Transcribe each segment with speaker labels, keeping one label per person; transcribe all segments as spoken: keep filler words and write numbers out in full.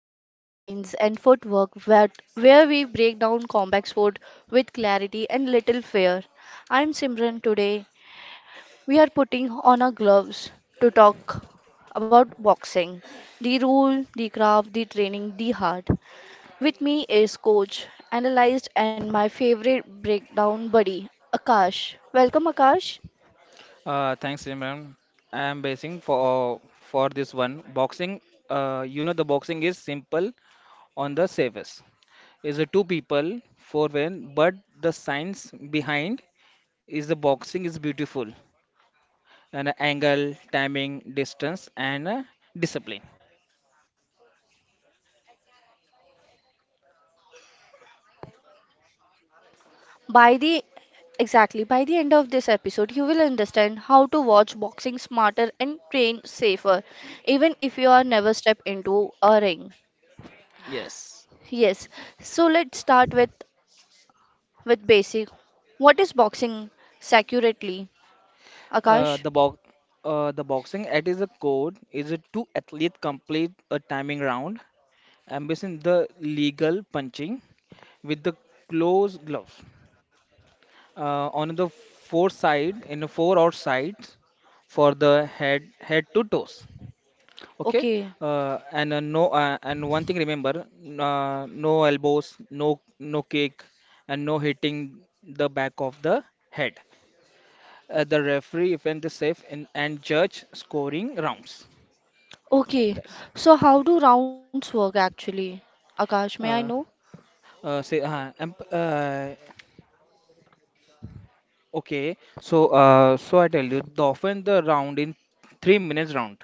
Speaker 1: to Punchlines and Footwork, where, where we break down combat sport with clarity and little fear. I'm Simran. Today we are putting on our gloves to talk about boxing, the rule, the craft, the training, the heart. With me is coach, analyst, and my favorite breakdown buddy, Akash. Welcome, Akash.
Speaker 2: Uh, thanks, Imran. I'm basing for for this one. Boxing, uh, you know, the boxing is simple on the surface. Is a two people four win, but the science behind is the boxing is beautiful and uh, angle, timing, distance, and uh, discipline.
Speaker 1: By the exactly by the end of this episode, you will understand how to watch boxing smarter and train safer, even if you are never step into a ring.
Speaker 2: Yes,
Speaker 1: Yes, so let's start with with basic. What is boxing accurately,
Speaker 2: uh,
Speaker 1: Akash?
Speaker 2: the box. Uh, the boxing at its core is a two athlete complete a timing round, ambition the legal punching with the close gloves uh, on the four side in the four or sides for the head head to toes. Okay.
Speaker 1: Okay,
Speaker 2: uh, and uh, no uh, and one thing remember, uh, no elbows, no no kick, and no hitting the back of the head. Uh, the referee event the safe, and, and judge scoring rounds.
Speaker 1: okay.
Speaker 2: That's
Speaker 1: So how do rounds work actually, Akash? May I know?
Speaker 2: uh, uh, say uh, and, uh, okay so uh, so I tell you the often the round in three minutes round,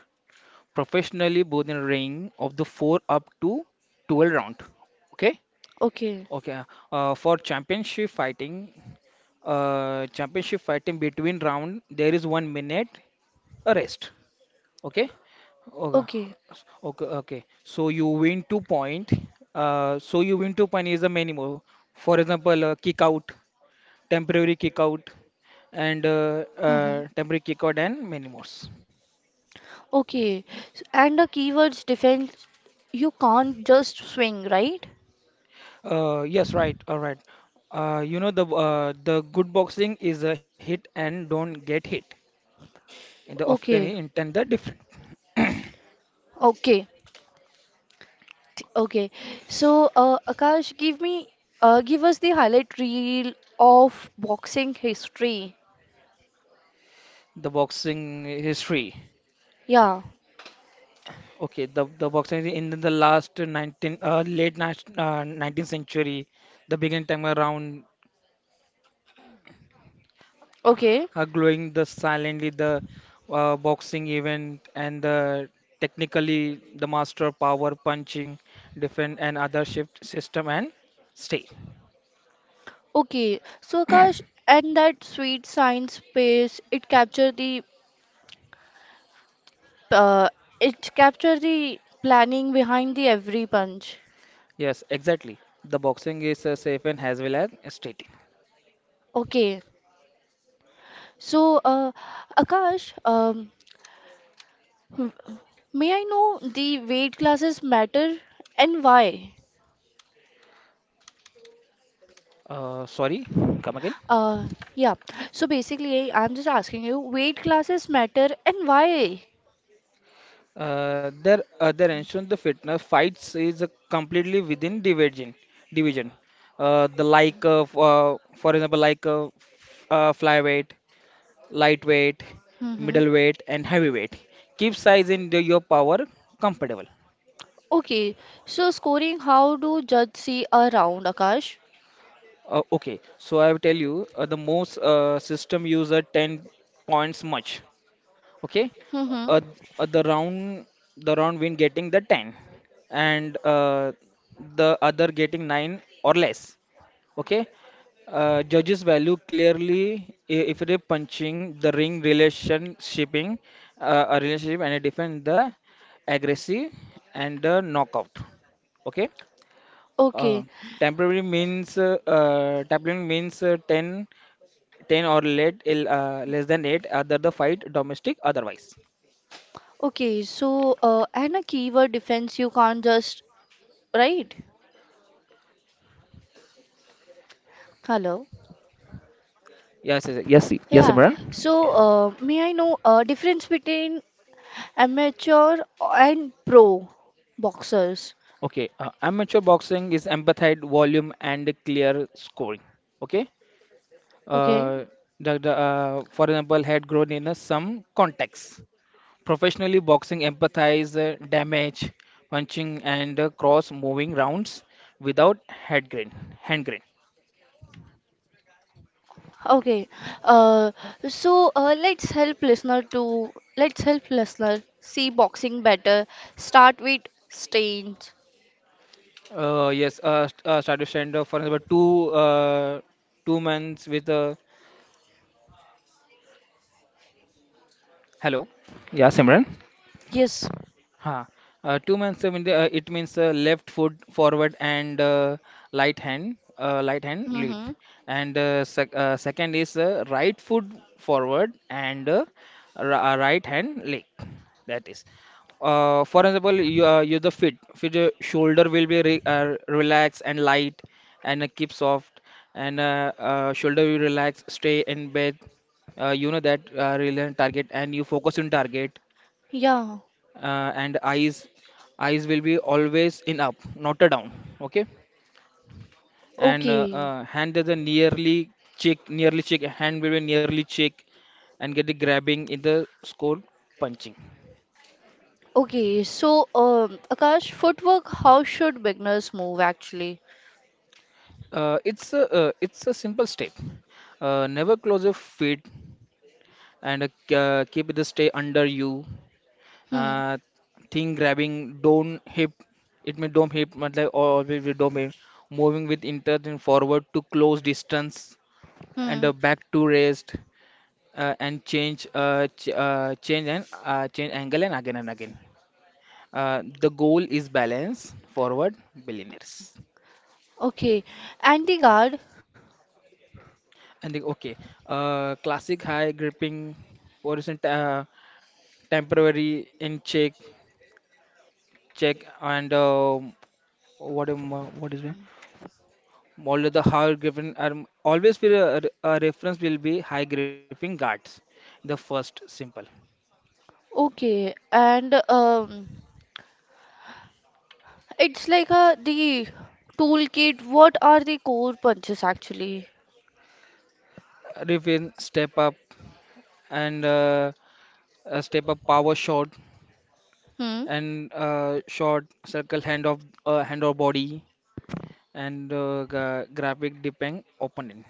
Speaker 2: professionally both in ring of the four up to twelve round. Okay.
Speaker 1: Okay,
Speaker 2: okay uh, uh, for championship fighting uh, championship fighting between round there is one minute a rest. okay okay
Speaker 1: okay.
Speaker 2: okay okay, so you win two point. Uh, so you win two point is a minimum. For example, uh, kick out, temporary kick out, and uh,
Speaker 1: Mm-hmm.
Speaker 2: uh, temporary kick out and many more.
Speaker 1: Okay, S- and the keywords defense. You can't just swing, right?
Speaker 2: Uh, yes, right, all right. Uh, you know the uh, the good boxing is a hit and don't get hit. And the often
Speaker 1: Okay,
Speaker 2: intent the different.
Speaker 1: okay, t- okay. So, uh, Akash, give me, uh, give us the highlight reel of boxing history.
Speaker 2: The boxing history.
Speaker 1: Yeah,
Speaker 2: Okay, the the boxing in the last nineteen, uh, late ni- uh, nineteenth century, the beginning time around,
Speaker 1: okay,
Speaker 2: uh, glowing the silently the uh, boxing event and the technically the master power punching defend and other shift system and stay.
Speaker 1: okay. So, Akash, and that sweet science space, it captured the, uh, it captured the planning behind the every punch.
Speaker 2: Yes, exactly. The boxing is uh, safe and as well as stating.
Speaker 1: Okay. So, uh, Akash, um, w- may I know the weight classes matter and why?
Speaker 2: Uh, sorry, come again.
Speaker 1: Uh, yeah. So basically, I'm just asking you, weight classes matter and why?
Speaker 2: Uh, their other ancient the fitness fights is uh, completely within division. Division. Uh, the like of, uh, for example, like uh, f- uh, flyweight, lightweight,
Speaker 1: Mm-hmm.
Speaker 2: middleweight, and heavyweight. Keep size in the, your power comfortable.
Speaker 1: Okay. So scoring, how do judge see a round, Akash?
Speaker 2: Uh, okay, so I will tell you uh, the most uh, system user ten points much. Okay.
Speaker 1: Mm-hmm.
Speaker 2: uh, uh, the round the round win getting the ten, and uh, the other getting nine or less. Okay. Uh, judges value clearly i- if it is punching the ring relationshiping, uh, a relationship and it defend the aggressive and the knockout. Okay. uh,
Speaker 1: Okay.
Speaker 2: Temporary means uh, uh, temporary means uh, 10, ten or late, uh, less than eight other the fight domestic otherwise.
Speaker 1: Okay. So, uh, and a keyword defense, you can't just, right? Hello.
Speaker 2: Yes, yes, yes, yes, Imran.
Speaker 1: Yeah. So, uh, may I know uh, difference between amateur and pro boxers?
Speaker 2: Okay, uh, amateur boxing is empathic volume and clear scoring. Okay.
Speaker 1: Okay.
Speaker 2: uh, the, the, uh, for example, had grown in uh, some contexts. Professionally, boxing empathize uh, damage, punching, and uh, cross moving rounds without head grain, hand grain.
Speaker 1: Okay, uh, so uh, let's help listener to let's help listener see boxing better. Start with stains.
Speaker 2: Uh, yes, uh, st- uh, started stand, uh, for example, two uh, two months with uh, hello. Yes, Simran.
Speaker 1: Yes.
Speaker 2: Huh. Uh, two man seven, uh, it means uh, left foot forward and uh, light hand, uh, light hand lead.
Speaker 1: Mm-hmm.
Speaker 2: And uh, sec uh, second is uh, right foot forward and uh, ri- uh, right hand leg. That is. Uh, for example, you uh, you the fit, fit uh, shoulder will be re uh, relaxed and light, and uh, keep soft, and uh, uh, shoulder will relax, stay in bed. Uh, you know that uh, relevant target, and you focus on target
Speaker 1: Yeah.
Speaker 2: uh, and eyes eyes will be always in up, not a down. Okay. And uh,
Speaker 1: Okay.
Speaker 2: uh, hand is a nearly check nearly check, hand will be nearly check, and get the grabbing in the score punching.
Speaker 1: Okay. So, um, Akash, footwork. How should beginners move actually?
Speaker 2: Uh, it's a uh, it's a simple step. Uh, never close your feet and uh, k- uh, keep the stay under you.
Speaker 1: Hmm.
Speaker 2: uh, Thing grabbing, don't hip. It may dome hip मतलब always with dome hip, moving with intent and forward to close distance and
Speaker 1: Hmm.
Speaker 2: uh, back to rest, uh, and change uh, ch uh, change and uh, change angle and again and again. Uh, the goal is balance forward billionaires.
Speaker 1: Okay. And the guard.
Speaker 2: And the, okay, uh, classic high gripping horizontal, uh, temporary in check check and uh, what am I- what is it? All of the high gripping are always will uh, re- uh, reference will be high gripping guards. The first simple.
Speaker 1: Okay. And um, it's like a the toolkit. What are the core punches actually?
Speaker 2: Riffin step up and uh, a step up power shot
Speaker 1: Hmm.
Speaker 2: and uh, short circle hand of uh, hand or body and uh, gra- graphic depend opponent.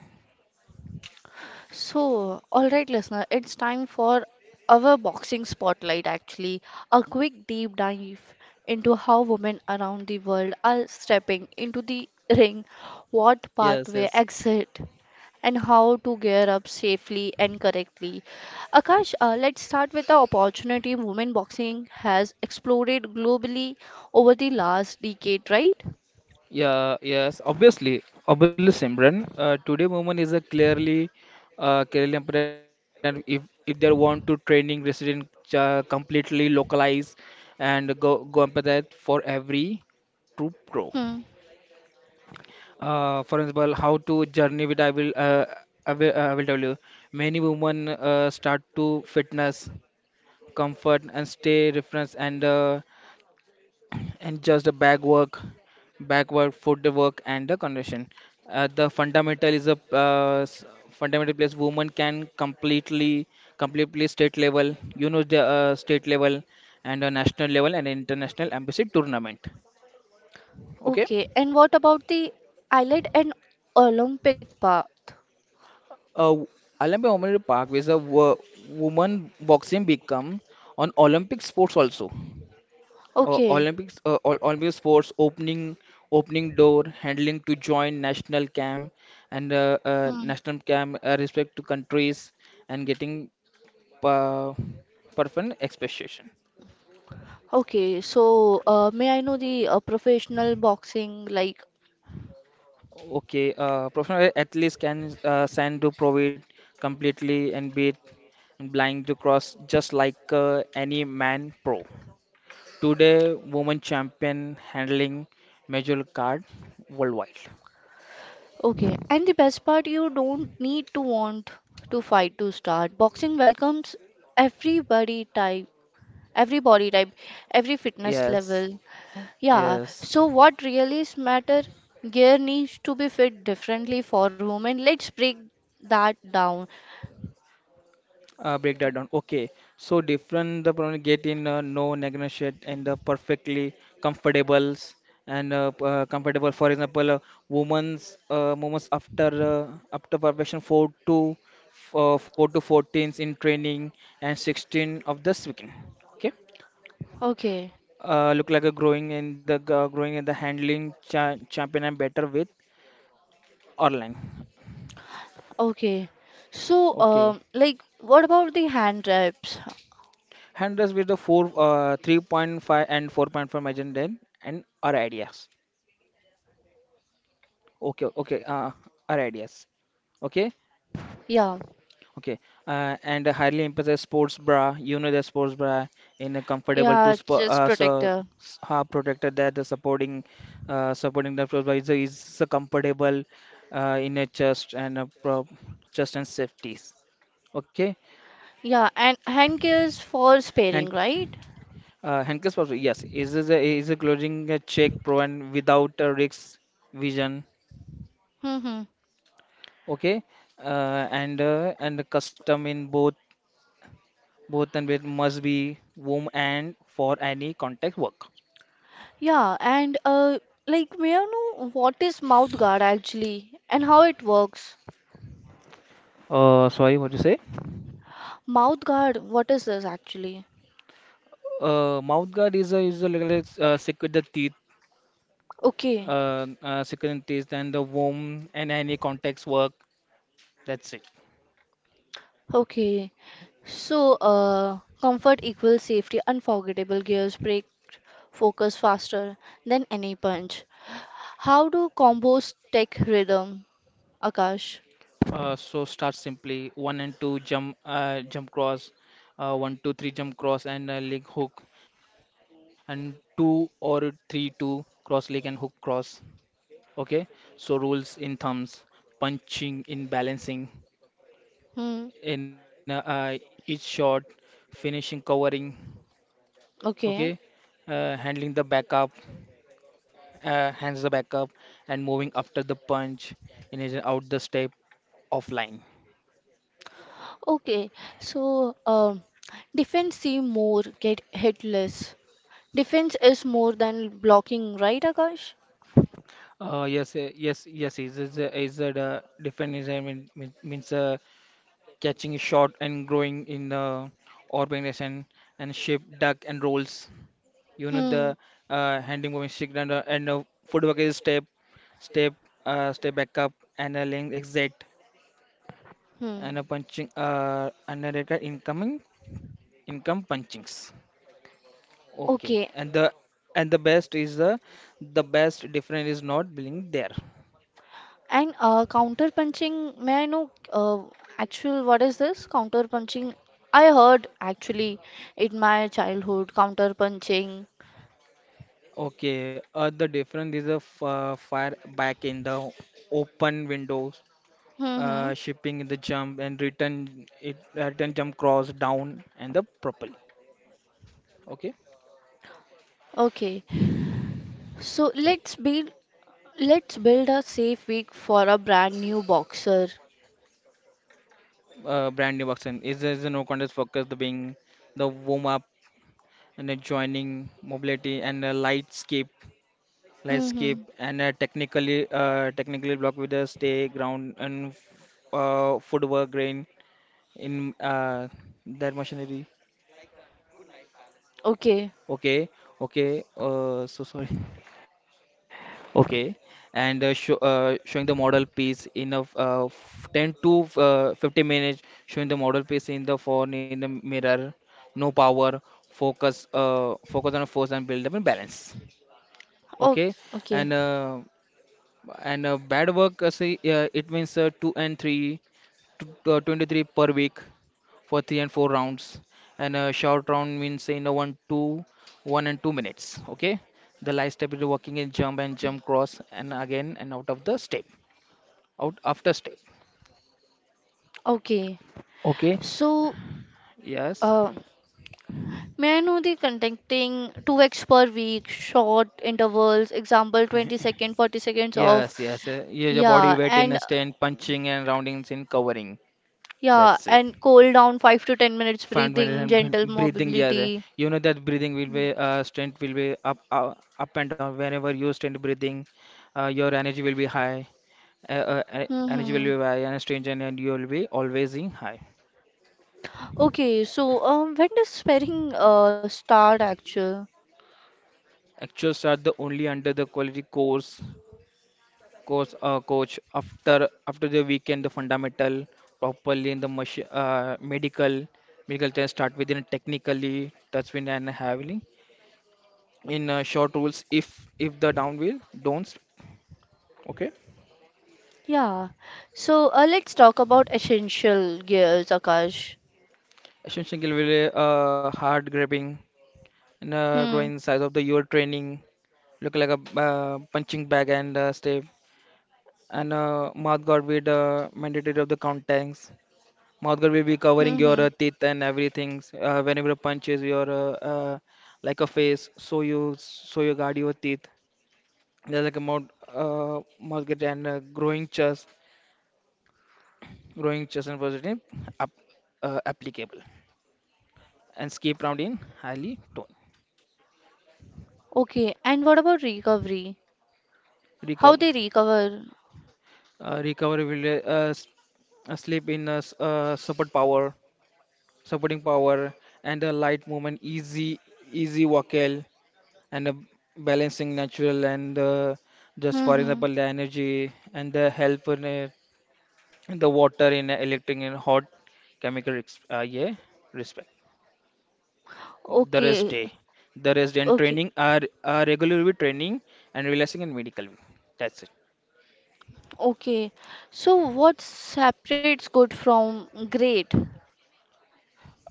Speaker 1: So, all right, listener, it's time for our boxing spotlight actually. A quick deep dive into how women around the world are stepping into the ring, what
Speaker 2: Yes,
Speaker 1: pathway
Speaker 2: yes.
Speaker 1: exit, and how to gear up safely and correctly. Akash, uh, let's start with the opportunity women boxing has exploded globally over the last decade, right?
Speaker 2: Yeah, yes. Obviously, obviously, Simran. Uh, today, women is a clearly, uh, clearly important. If if they want to training resident, uh, completely localize and go go empathize for every troop pro.
Speaker 1: Hmm.
Speaker 2: Uh, for example, how to journey with I will uh, I will, uh, I will tell you. Many women uh, start to fitness, comfort, and stay reference and uh, and just the back work, back work, foot work, and the condition. Uh, the fundamental is a uh, s- Fundamental place women can completely completely state level. You know the uh, state level and the national level and international embassy tournament. Okay.
Speaker 1: Okay, and what about the island and Olympic path?
Speaker 2: Uh, Olympic Honorary Park is a wo- woman boxing become on Olympic sports also. Uh,
Speaker 1: Okay.
Speaker 2: Olympics, uh, Ol- Olympic sports opening opening door handling to join national camp and uh, uh,
Speaker 1: Hmm.
Speaker 2: national camp uh, respect to countries and getting uh, perfect expectation.
Speaker 1: Okay. So, uh, may I know the uh, professional boxing like?
Speaker 2: Okay, uh, professional athletes can uh, stand to provide completely and beat blind to cross just like uh, any man pro. Today, woman champion handling major card worldwide.
Speaker 1: Okay. And the best part, you don't need to want to fight to start. Boxing welcomes everybody type, every body type, every fitness
Speaker 2: Yes,
Speaker 1: level. Yeah.
Speaker 2: yes.
Speaker 1: So, what really is matter? Gear needs to be fit differently for women. Let's break that down.
Speaker 2: Uh, break that down. Okay, so different the problem get in uh, no negotiate and the perfectly comfortables and uh, p- uh, comfortable. For example, uh, women's uh, women's after uh, after perfection four to f- uh, four to fourteens in training and sixteen of this weekend. Okay.
Speaker 1: Okay.
Speaker 2: Uh, look like a growing in the g- uh, growing in the handling cha champion and better with Erlang.
Speaker 1: Okay. So,
Speaker 2: Okay.
Speaker 1: um, like, what about the hand reps?
Speaker 2: Handles with the four uh, three point five and four point five margin then, and our ideas. Okay, okay, uh, our ideas. Okay,
Speaker 1: Yeah.
Speaker 2: okay. Uh, and highly emphasize sports bra. You know the sports bra in a comfortable to
Speaker 1: Yeah,
Speaker 2: sp
Speaker 1: just
Speaker 2: uh, so
Speaker 1: protector.
Speaker 2: s- uh, protected that the supporting uh, supporting the sports bra is, is a comfortable uh, in a chest and a pro chest and safeties. Okay,
Speaker 1: Yeah, and hand care is for sparing,
Speaker 2: and
Speaker 1: right?
Speaker 2: Uh, Henkes was, yes, is is a is a closing a check proven without a risk vision.
Speaker 1: Mm-hmm.
Speaker 2: Okay, uh, and uh, and the custom in both, both and with must be womb and for any contact work.
Speaker 1: Yeah, and uh, like may I know what is mouth guard actually and how it works?
Speaker 2: Uh, sorry, what you say?
Speaker 1: Mouth guard, what is this actually?
Speaker 2: Uh, mouth guard is a is a little uh, secure the teeth,
Speaker 1: Okay,
Speaker 2: uh, uh, secure the teeth and the womb and any contacts work. That's it.
Speaker 1: okay. So, uh, comfort equals safety, unforgettable gears break focus faster than any punch. How do combos take rhythm, Akash?
Speaker 2: Uh, so start simply one and two jump, uh, jump cross, uh, one two three jump cross and uh, leg hook, and two or three two cross leg and hook cross. Okay. So rules in thumbs, punching in balancing
Speaker 1: Hmm.
Speaker 2: in uh, uh, each shot, finishing covering.
Speaker 1: Okay.
Speaker 2: Okay. Uh, handling the backup, uh, hands the backup, and moving after the punch in and out the step offline.
Speaker 1: Okay, so um, defense see more, get hit. Defense is more than blocking, right, Akash?
Speaker 2: Uh, yes, uh, yes, yes. Is is a- is a uh, Definition mean, mean- means uh, catching a shot and growing in the organization and shape, duck and rolls. You know the
Speaker 1: Hmm.
Speaker 2: uh, handing movement stick and uh, and uh, footwork is step, step, uh, step back up and a length exit
Speaker 1: Hmm.
Speaker 2: and a punching uh and a red card incoming income punchings. Okay,
Speaker 1: Okay,
Speaker 2: and the, and the best is the the best difference is not being there.
Speaker 1: and uh, counter punching. May I know uh, actual what is this counter punching? I heard actually in my childhood counter punching.
Speaker 2: Okay, uh, the difference is a f uh, fire back in the open windows, uh,
Speaker 1: Hmm.
Speaker 2: shipping in the jump and return it, uh, return jump cross down and the propel. Okay,
Speaker 1: Okay, so let's build let's build a safe week for a brand new boxer.
Speaker 2: uh, brand new version is is a no contest focus the being the warm up and the joining mobility and the lightscape
Speaker 1: Hmm.
Speaker 2: lightscape
Speaker 1: Hmm.
Speaker 2: and uh, technically uh, technically block with the stay ground and uh, footwork grain in uh, that machinery.
Speaker 1: Okay.
Speaker 2: Okay, okay. Uh, so sorry. Okay, and uh, show, uh, showing the model piece in a f- uh, f- ten to uh, fifty minutes, showing the model piece in the phone, in the mirror, no power, focus, uh, focus on force and build up and balance.
Speaker 1: Oh,
Speaker 2: Okay,
Speaker 1: okay.
Speaker 2: and uh, and uh, bad work, uh, say, uh, it means uh, two and three, to, uh, twenty-three per week for three and four rounds. And a short round means in a one, two, one and two minutes. Okay. The light step is working in jump and jump cross and again and out of the step, out after step.
Speaker 1: Okay.
Speaker 2: Okay.
Speaker 1: So,
Speaker 2: Yes.
Speaker 1: uh, may I know the contacting two weeks per week, short intervals, example twenty second, forty seconds of,
Speaker 2: Yes. Yes. Uh, yeah, your body
Speaker 1: yeah,
Speaker 2: weight in a
Speaker 1: and
Speaker 2: stand, punching and roundings in covering.
Speaker 1: yeah,
Speaker 2: That's it.
Speaker 1: and cool down five to ten minutes
Speaker 2: Find when
Speaker 1: breathing,
Speaker 2: and when
Speaker 1: gentle
Speaker 2: breathing, yes, eh.
Speaker 1: mobility.
Speaker 2: You know that breathing will be, uh, strength will be up, uh, up and down whenever you stand breathing. Uh, your energy will be high. Uh, uh, e- energy will
Speaker 1: Mm-hmm.
Speaker 2: be high and strength and and you will be always in high.
Speaker 1: Okay, so um, when does sparring uh, start actually?
Speaker 2: Actuals are the only under the quality course course uh, coach after after the weekend, the fundamental properly in the machine, uh, medical medical test start within technically touch wind and heavily in uh, short rules. If if the down wheel don't. Okay.
Speaker 1: Yeah. So uh, let's talk about essential gears, Akash.
Speaker 2: Asian Shingle will be, uh, hard grabbing and uh,
Speaker 1: Hmm.
Speaker 2: growing size of the your training. Look like a, uh, punching bag and uh, stay, and uh, mouth guard with uh, mandatory of the contacts. Mouth guard will be covering
Speaker 1: Mm-hmm.
Speaker 2: your, uh, teeth and everything uh, whenever punches your, uh, uh, like a face, so you so you guard your teeth. There's like a mouth uh, mouth guard and uh, growing chest, growing chest and positive up, uh, applicable, and skip round in highly tone.
Speaker 1: Okay, and what about recovery?
Speaker 2: Recover.
Speaker 1: How they recover?
Speaker 2: Uh, recovery will, uh, s- uh, sleep in a, s- uh, support power supporting power and a light movement, easy, easy vocal, and a balancing natural, and uh, just for example
Speaker 1: Mm-hmm.
Speaker 2: the energy and the help in, uh, the water in, uh, electric and hot chemical ex- uh, yeah, respect. The rest day.
Speaker 1: Okay,
Speaker 2: The rest day and
Speaker 1: okay,
Speaker 2: training are, are regularly training, and relaxing and medical. That's it.
Speaker 1: okay. So what separates good from great?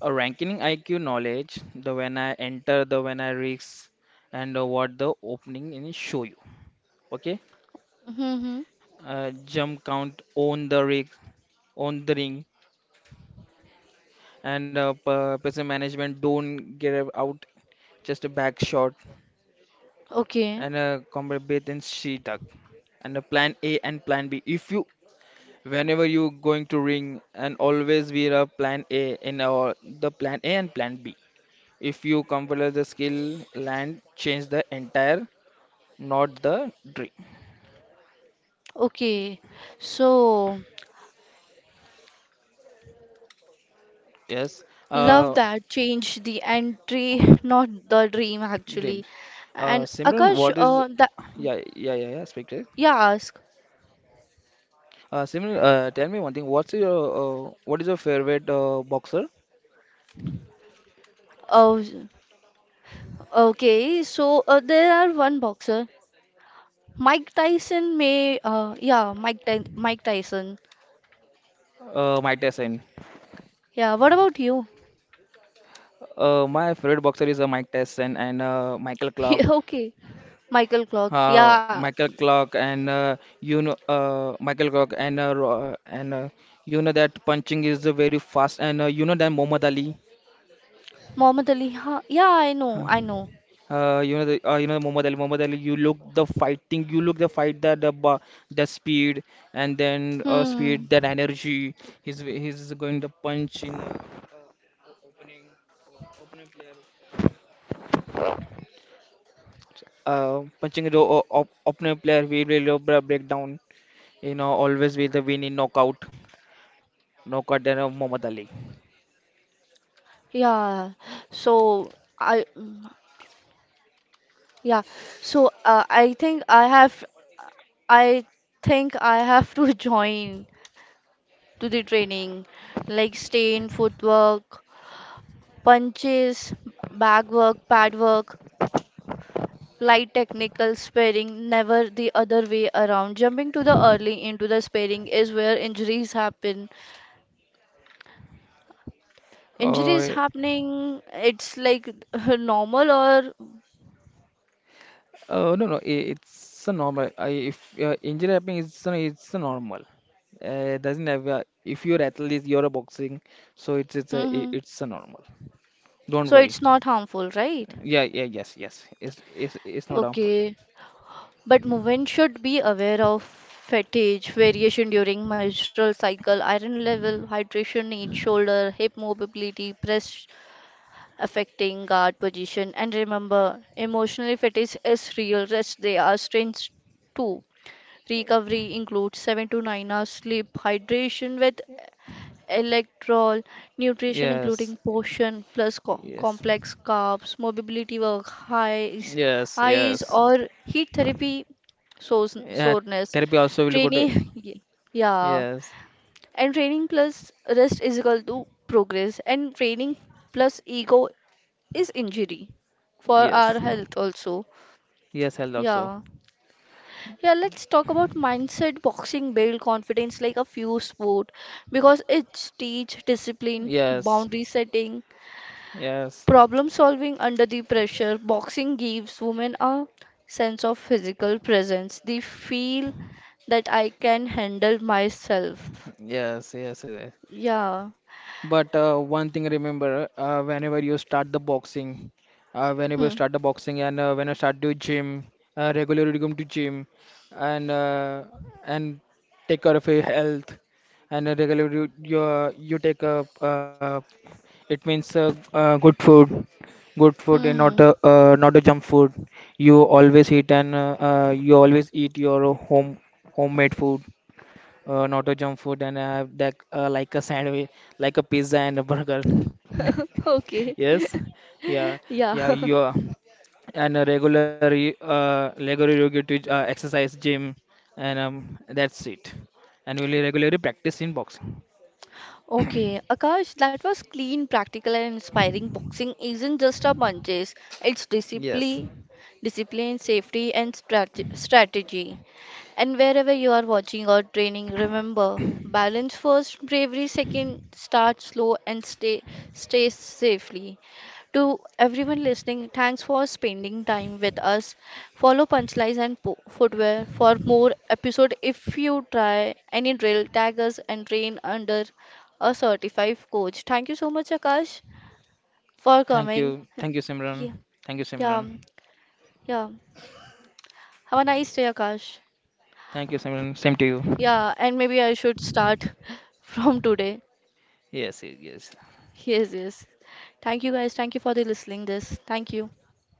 Speaker 2: A ranking I Q knowledge, the when I enter, the when I risk, and uh, what the opening in show you. Okay,
Speaker 1: Mm-hmm.
Speaker 2: uh, jump count, own the rig, own the ring, and uh, p- person management don't get out, just a back shot,
Speaker 1: Okay,
Speaker 2: and uh, combat bait and she duck, and a plan A and plan B. If you Whenever you going to ring and always be a plan A in our, the plan A and plan B. If you compare the skill, land change the entire, not the dream.
Speaker 1: okay. So
Speaker 2: Yes,
Speaker 1: love
Speaker 2: uh,
Speaker 1: that change the entry, not the dream actually.
Speaker 2: dreams. Uh,
Speaker 1: And
Speaker 2: Simran,
Speaker 1: Akash,
Speaker 2: what is?
Speaker 1: uh, that
Speaker 2: Yeah, yeah, yeah, yeah. Speak to it.
Speaker 1: yeah, ask.
Speaker 2: Uh, Simran, uh, tell me one thing. What's your, uh, what is your favorite, uh, boxer?
Speaker 1: Oh, okay. So uh, there are one boxer, Mike Tyson may. Uh, yeah, Mike Ty Mike Tyson.
Speaker 2: Uh, Mike Tyson.
Speaker 1: Yeah. What about you?
Speaker 2: Uh, my favorite boxer is, uh, Mike Tyson and uh, Michael Clark.
Speaker 1: Okay. Michael Clark.
Speaker 2: Uh,
Speaker 1: Yeah.
Speaker 2: Michael Clark and, uh, you know uh, Michael Clark and uh, Ro- and uh, you know that punching is, uh, very fast, and uh, you know that Muhammad Ali.
Speaker 1: Muhammad Ali. Huh? Yeah, I know. I know.
Speaker 2: Uh, you know the, uh, you know Muhammad Ali, Muhammad Ali. You look the fighting, you look the fight that the ba- the speed and then, uh,
Speaker 1: Hmm.
Speaker 2: speed that energy. He's he's going to punch in, uh, opening, opening player. Uh, punching the o- op- opening player will really break breakdown. You know always with the win in knockout, knockout than, uh, Muhammad Ali.
Speaker 1: Yeah. So I. mm, yeah. So uh, I think I have. I think I have to join to the training, like stain, footwork, punches, back work, pad work, light technical sparring, never the other way around. Jumping to the early into the sparring is where injuries happen. Injury is
Speaker 2: Uh,
Speaker 1: happening, it's like normal or.
Speaker 2: Uh, no, no, i- it's a normal. I, if uh, injury happening, it's a, it's a normal. Uh, doesn't have a, if you're athlete, you're a boxing, so it's it's a i-
Speaker 1: Hmm.
Speaker 2: it's a normal. Don't
Speaker 1: So
Speaker 2: worry.
Speaker 1: it's not harmful, right?
Speaker 2: Yeah, yeah, yes, yes. It's it's it's not harmful.
Speaker 1: Okay, but women should be aware of fatigue, variation during menstrual cycle, iron level, hydration need, shoulder, hip mobility, breast affecting guard position, and remember, emotional fatigue is real. Rest they are strains too. Recovery includes seven to nine hours sleep, hydration with electrol, nutrition including
Speaker 2: Yes,
Speaker 1: portion plus co-
Speaker 2: yes,
Speaker 1: complex carbs, mobility work, highs,
Speaker 2: yes,
Speaker 1: eyes
Speaker 2: yes.
Speaker 1: or heat therapy sores,
Speaker 2: Yeah,
Speaker 1: soreness.
Speaker 2: therapy also will go to.
Speaker 1: Training, ye- yeah,
Speaker 2: Yes,
Speaker 1: and training plus rest is equal to progress, and training plus ego is injury for
Speaker 2: yes,
Speaker 1: our health also.
Speaker 2: yes. Health
Speaker 1: Yeah.
Speaker 2: also.
Speaker 1: Yeah, let's talk about mindset. Boxing build confidence like a few sport because it teach discipline,
Speaker 2: Yes,
Speaker 1: boundary setting,
Speaker 2: yes,
Speaker 1: problem solving under the pressure. Boxing gives women a sense of physical presence. They feel that I can handle myself.
Speaker 2: yes, yes, yes.
Speaker 1: Yeah.
Speaker 2: But uh, one thing remember, uh, whenever you start the boxing, uh, whenever
Speaker 1: Hmm.
Speaker 2: you start the boxing, and uh, when you start to gym, uh, regularly come to gym, and uh, and take care of your health, and uh, regularly you, uh, you take a, uh, it means, uh, uh, good food, good food, and
Speaker 1: Hmm.
Speaker 2: not, uh, uh, not a junk food. You always eat and, uh, uh, you always eat your home, homemade food, uh, not a junk food, and I have that, uh, like a sandwich, like a pizza and a burger.
Speaker 1: Okay.
Speaker 2: Yes, yeah,
Speaker 1: Yeah.
Speaker 2: yeah, you are. And a regular, y- uh, regular you get to, uh, exercise gym, and um, that's it. And we regularly practice in boxing.
Speaker 1: Okay, Akash, that was clean, practical, and inspiring. Boxing isn't just a punches, it's
Speaker 2: Yes.
Speaker 1: discipline, discipline, safety, and strate- strategy. And wherever you are watching or training, remember balance first, bravery second, start slow, and stay, stay safely. To everyone listening, thanks for spending time with us. Follow Punchlines and po- Footwear for more episode. If you try any drill, tag us and train under a certified coach. Thank you so much, Akash, for
Speaker 2: Thank you,
Speaker 1: coming.
Speaker 2: thank you, Simran.
Speaker 1: Yeah,
Speaker 2: Thank you,
Speaker 1: yeah,
Speaker 2: Simran.
Speaker 1: yeah. Have a nice day, Akash.
Speaker 2: Thank you, Simran. Same to you.
Speaker 1: Yeah, and maybe I should start from today.
Speaker 2: Yes, yes, yes.
Speaker 1: Yes, yes. Thank you guys. Thank you for the listening this. Thank you.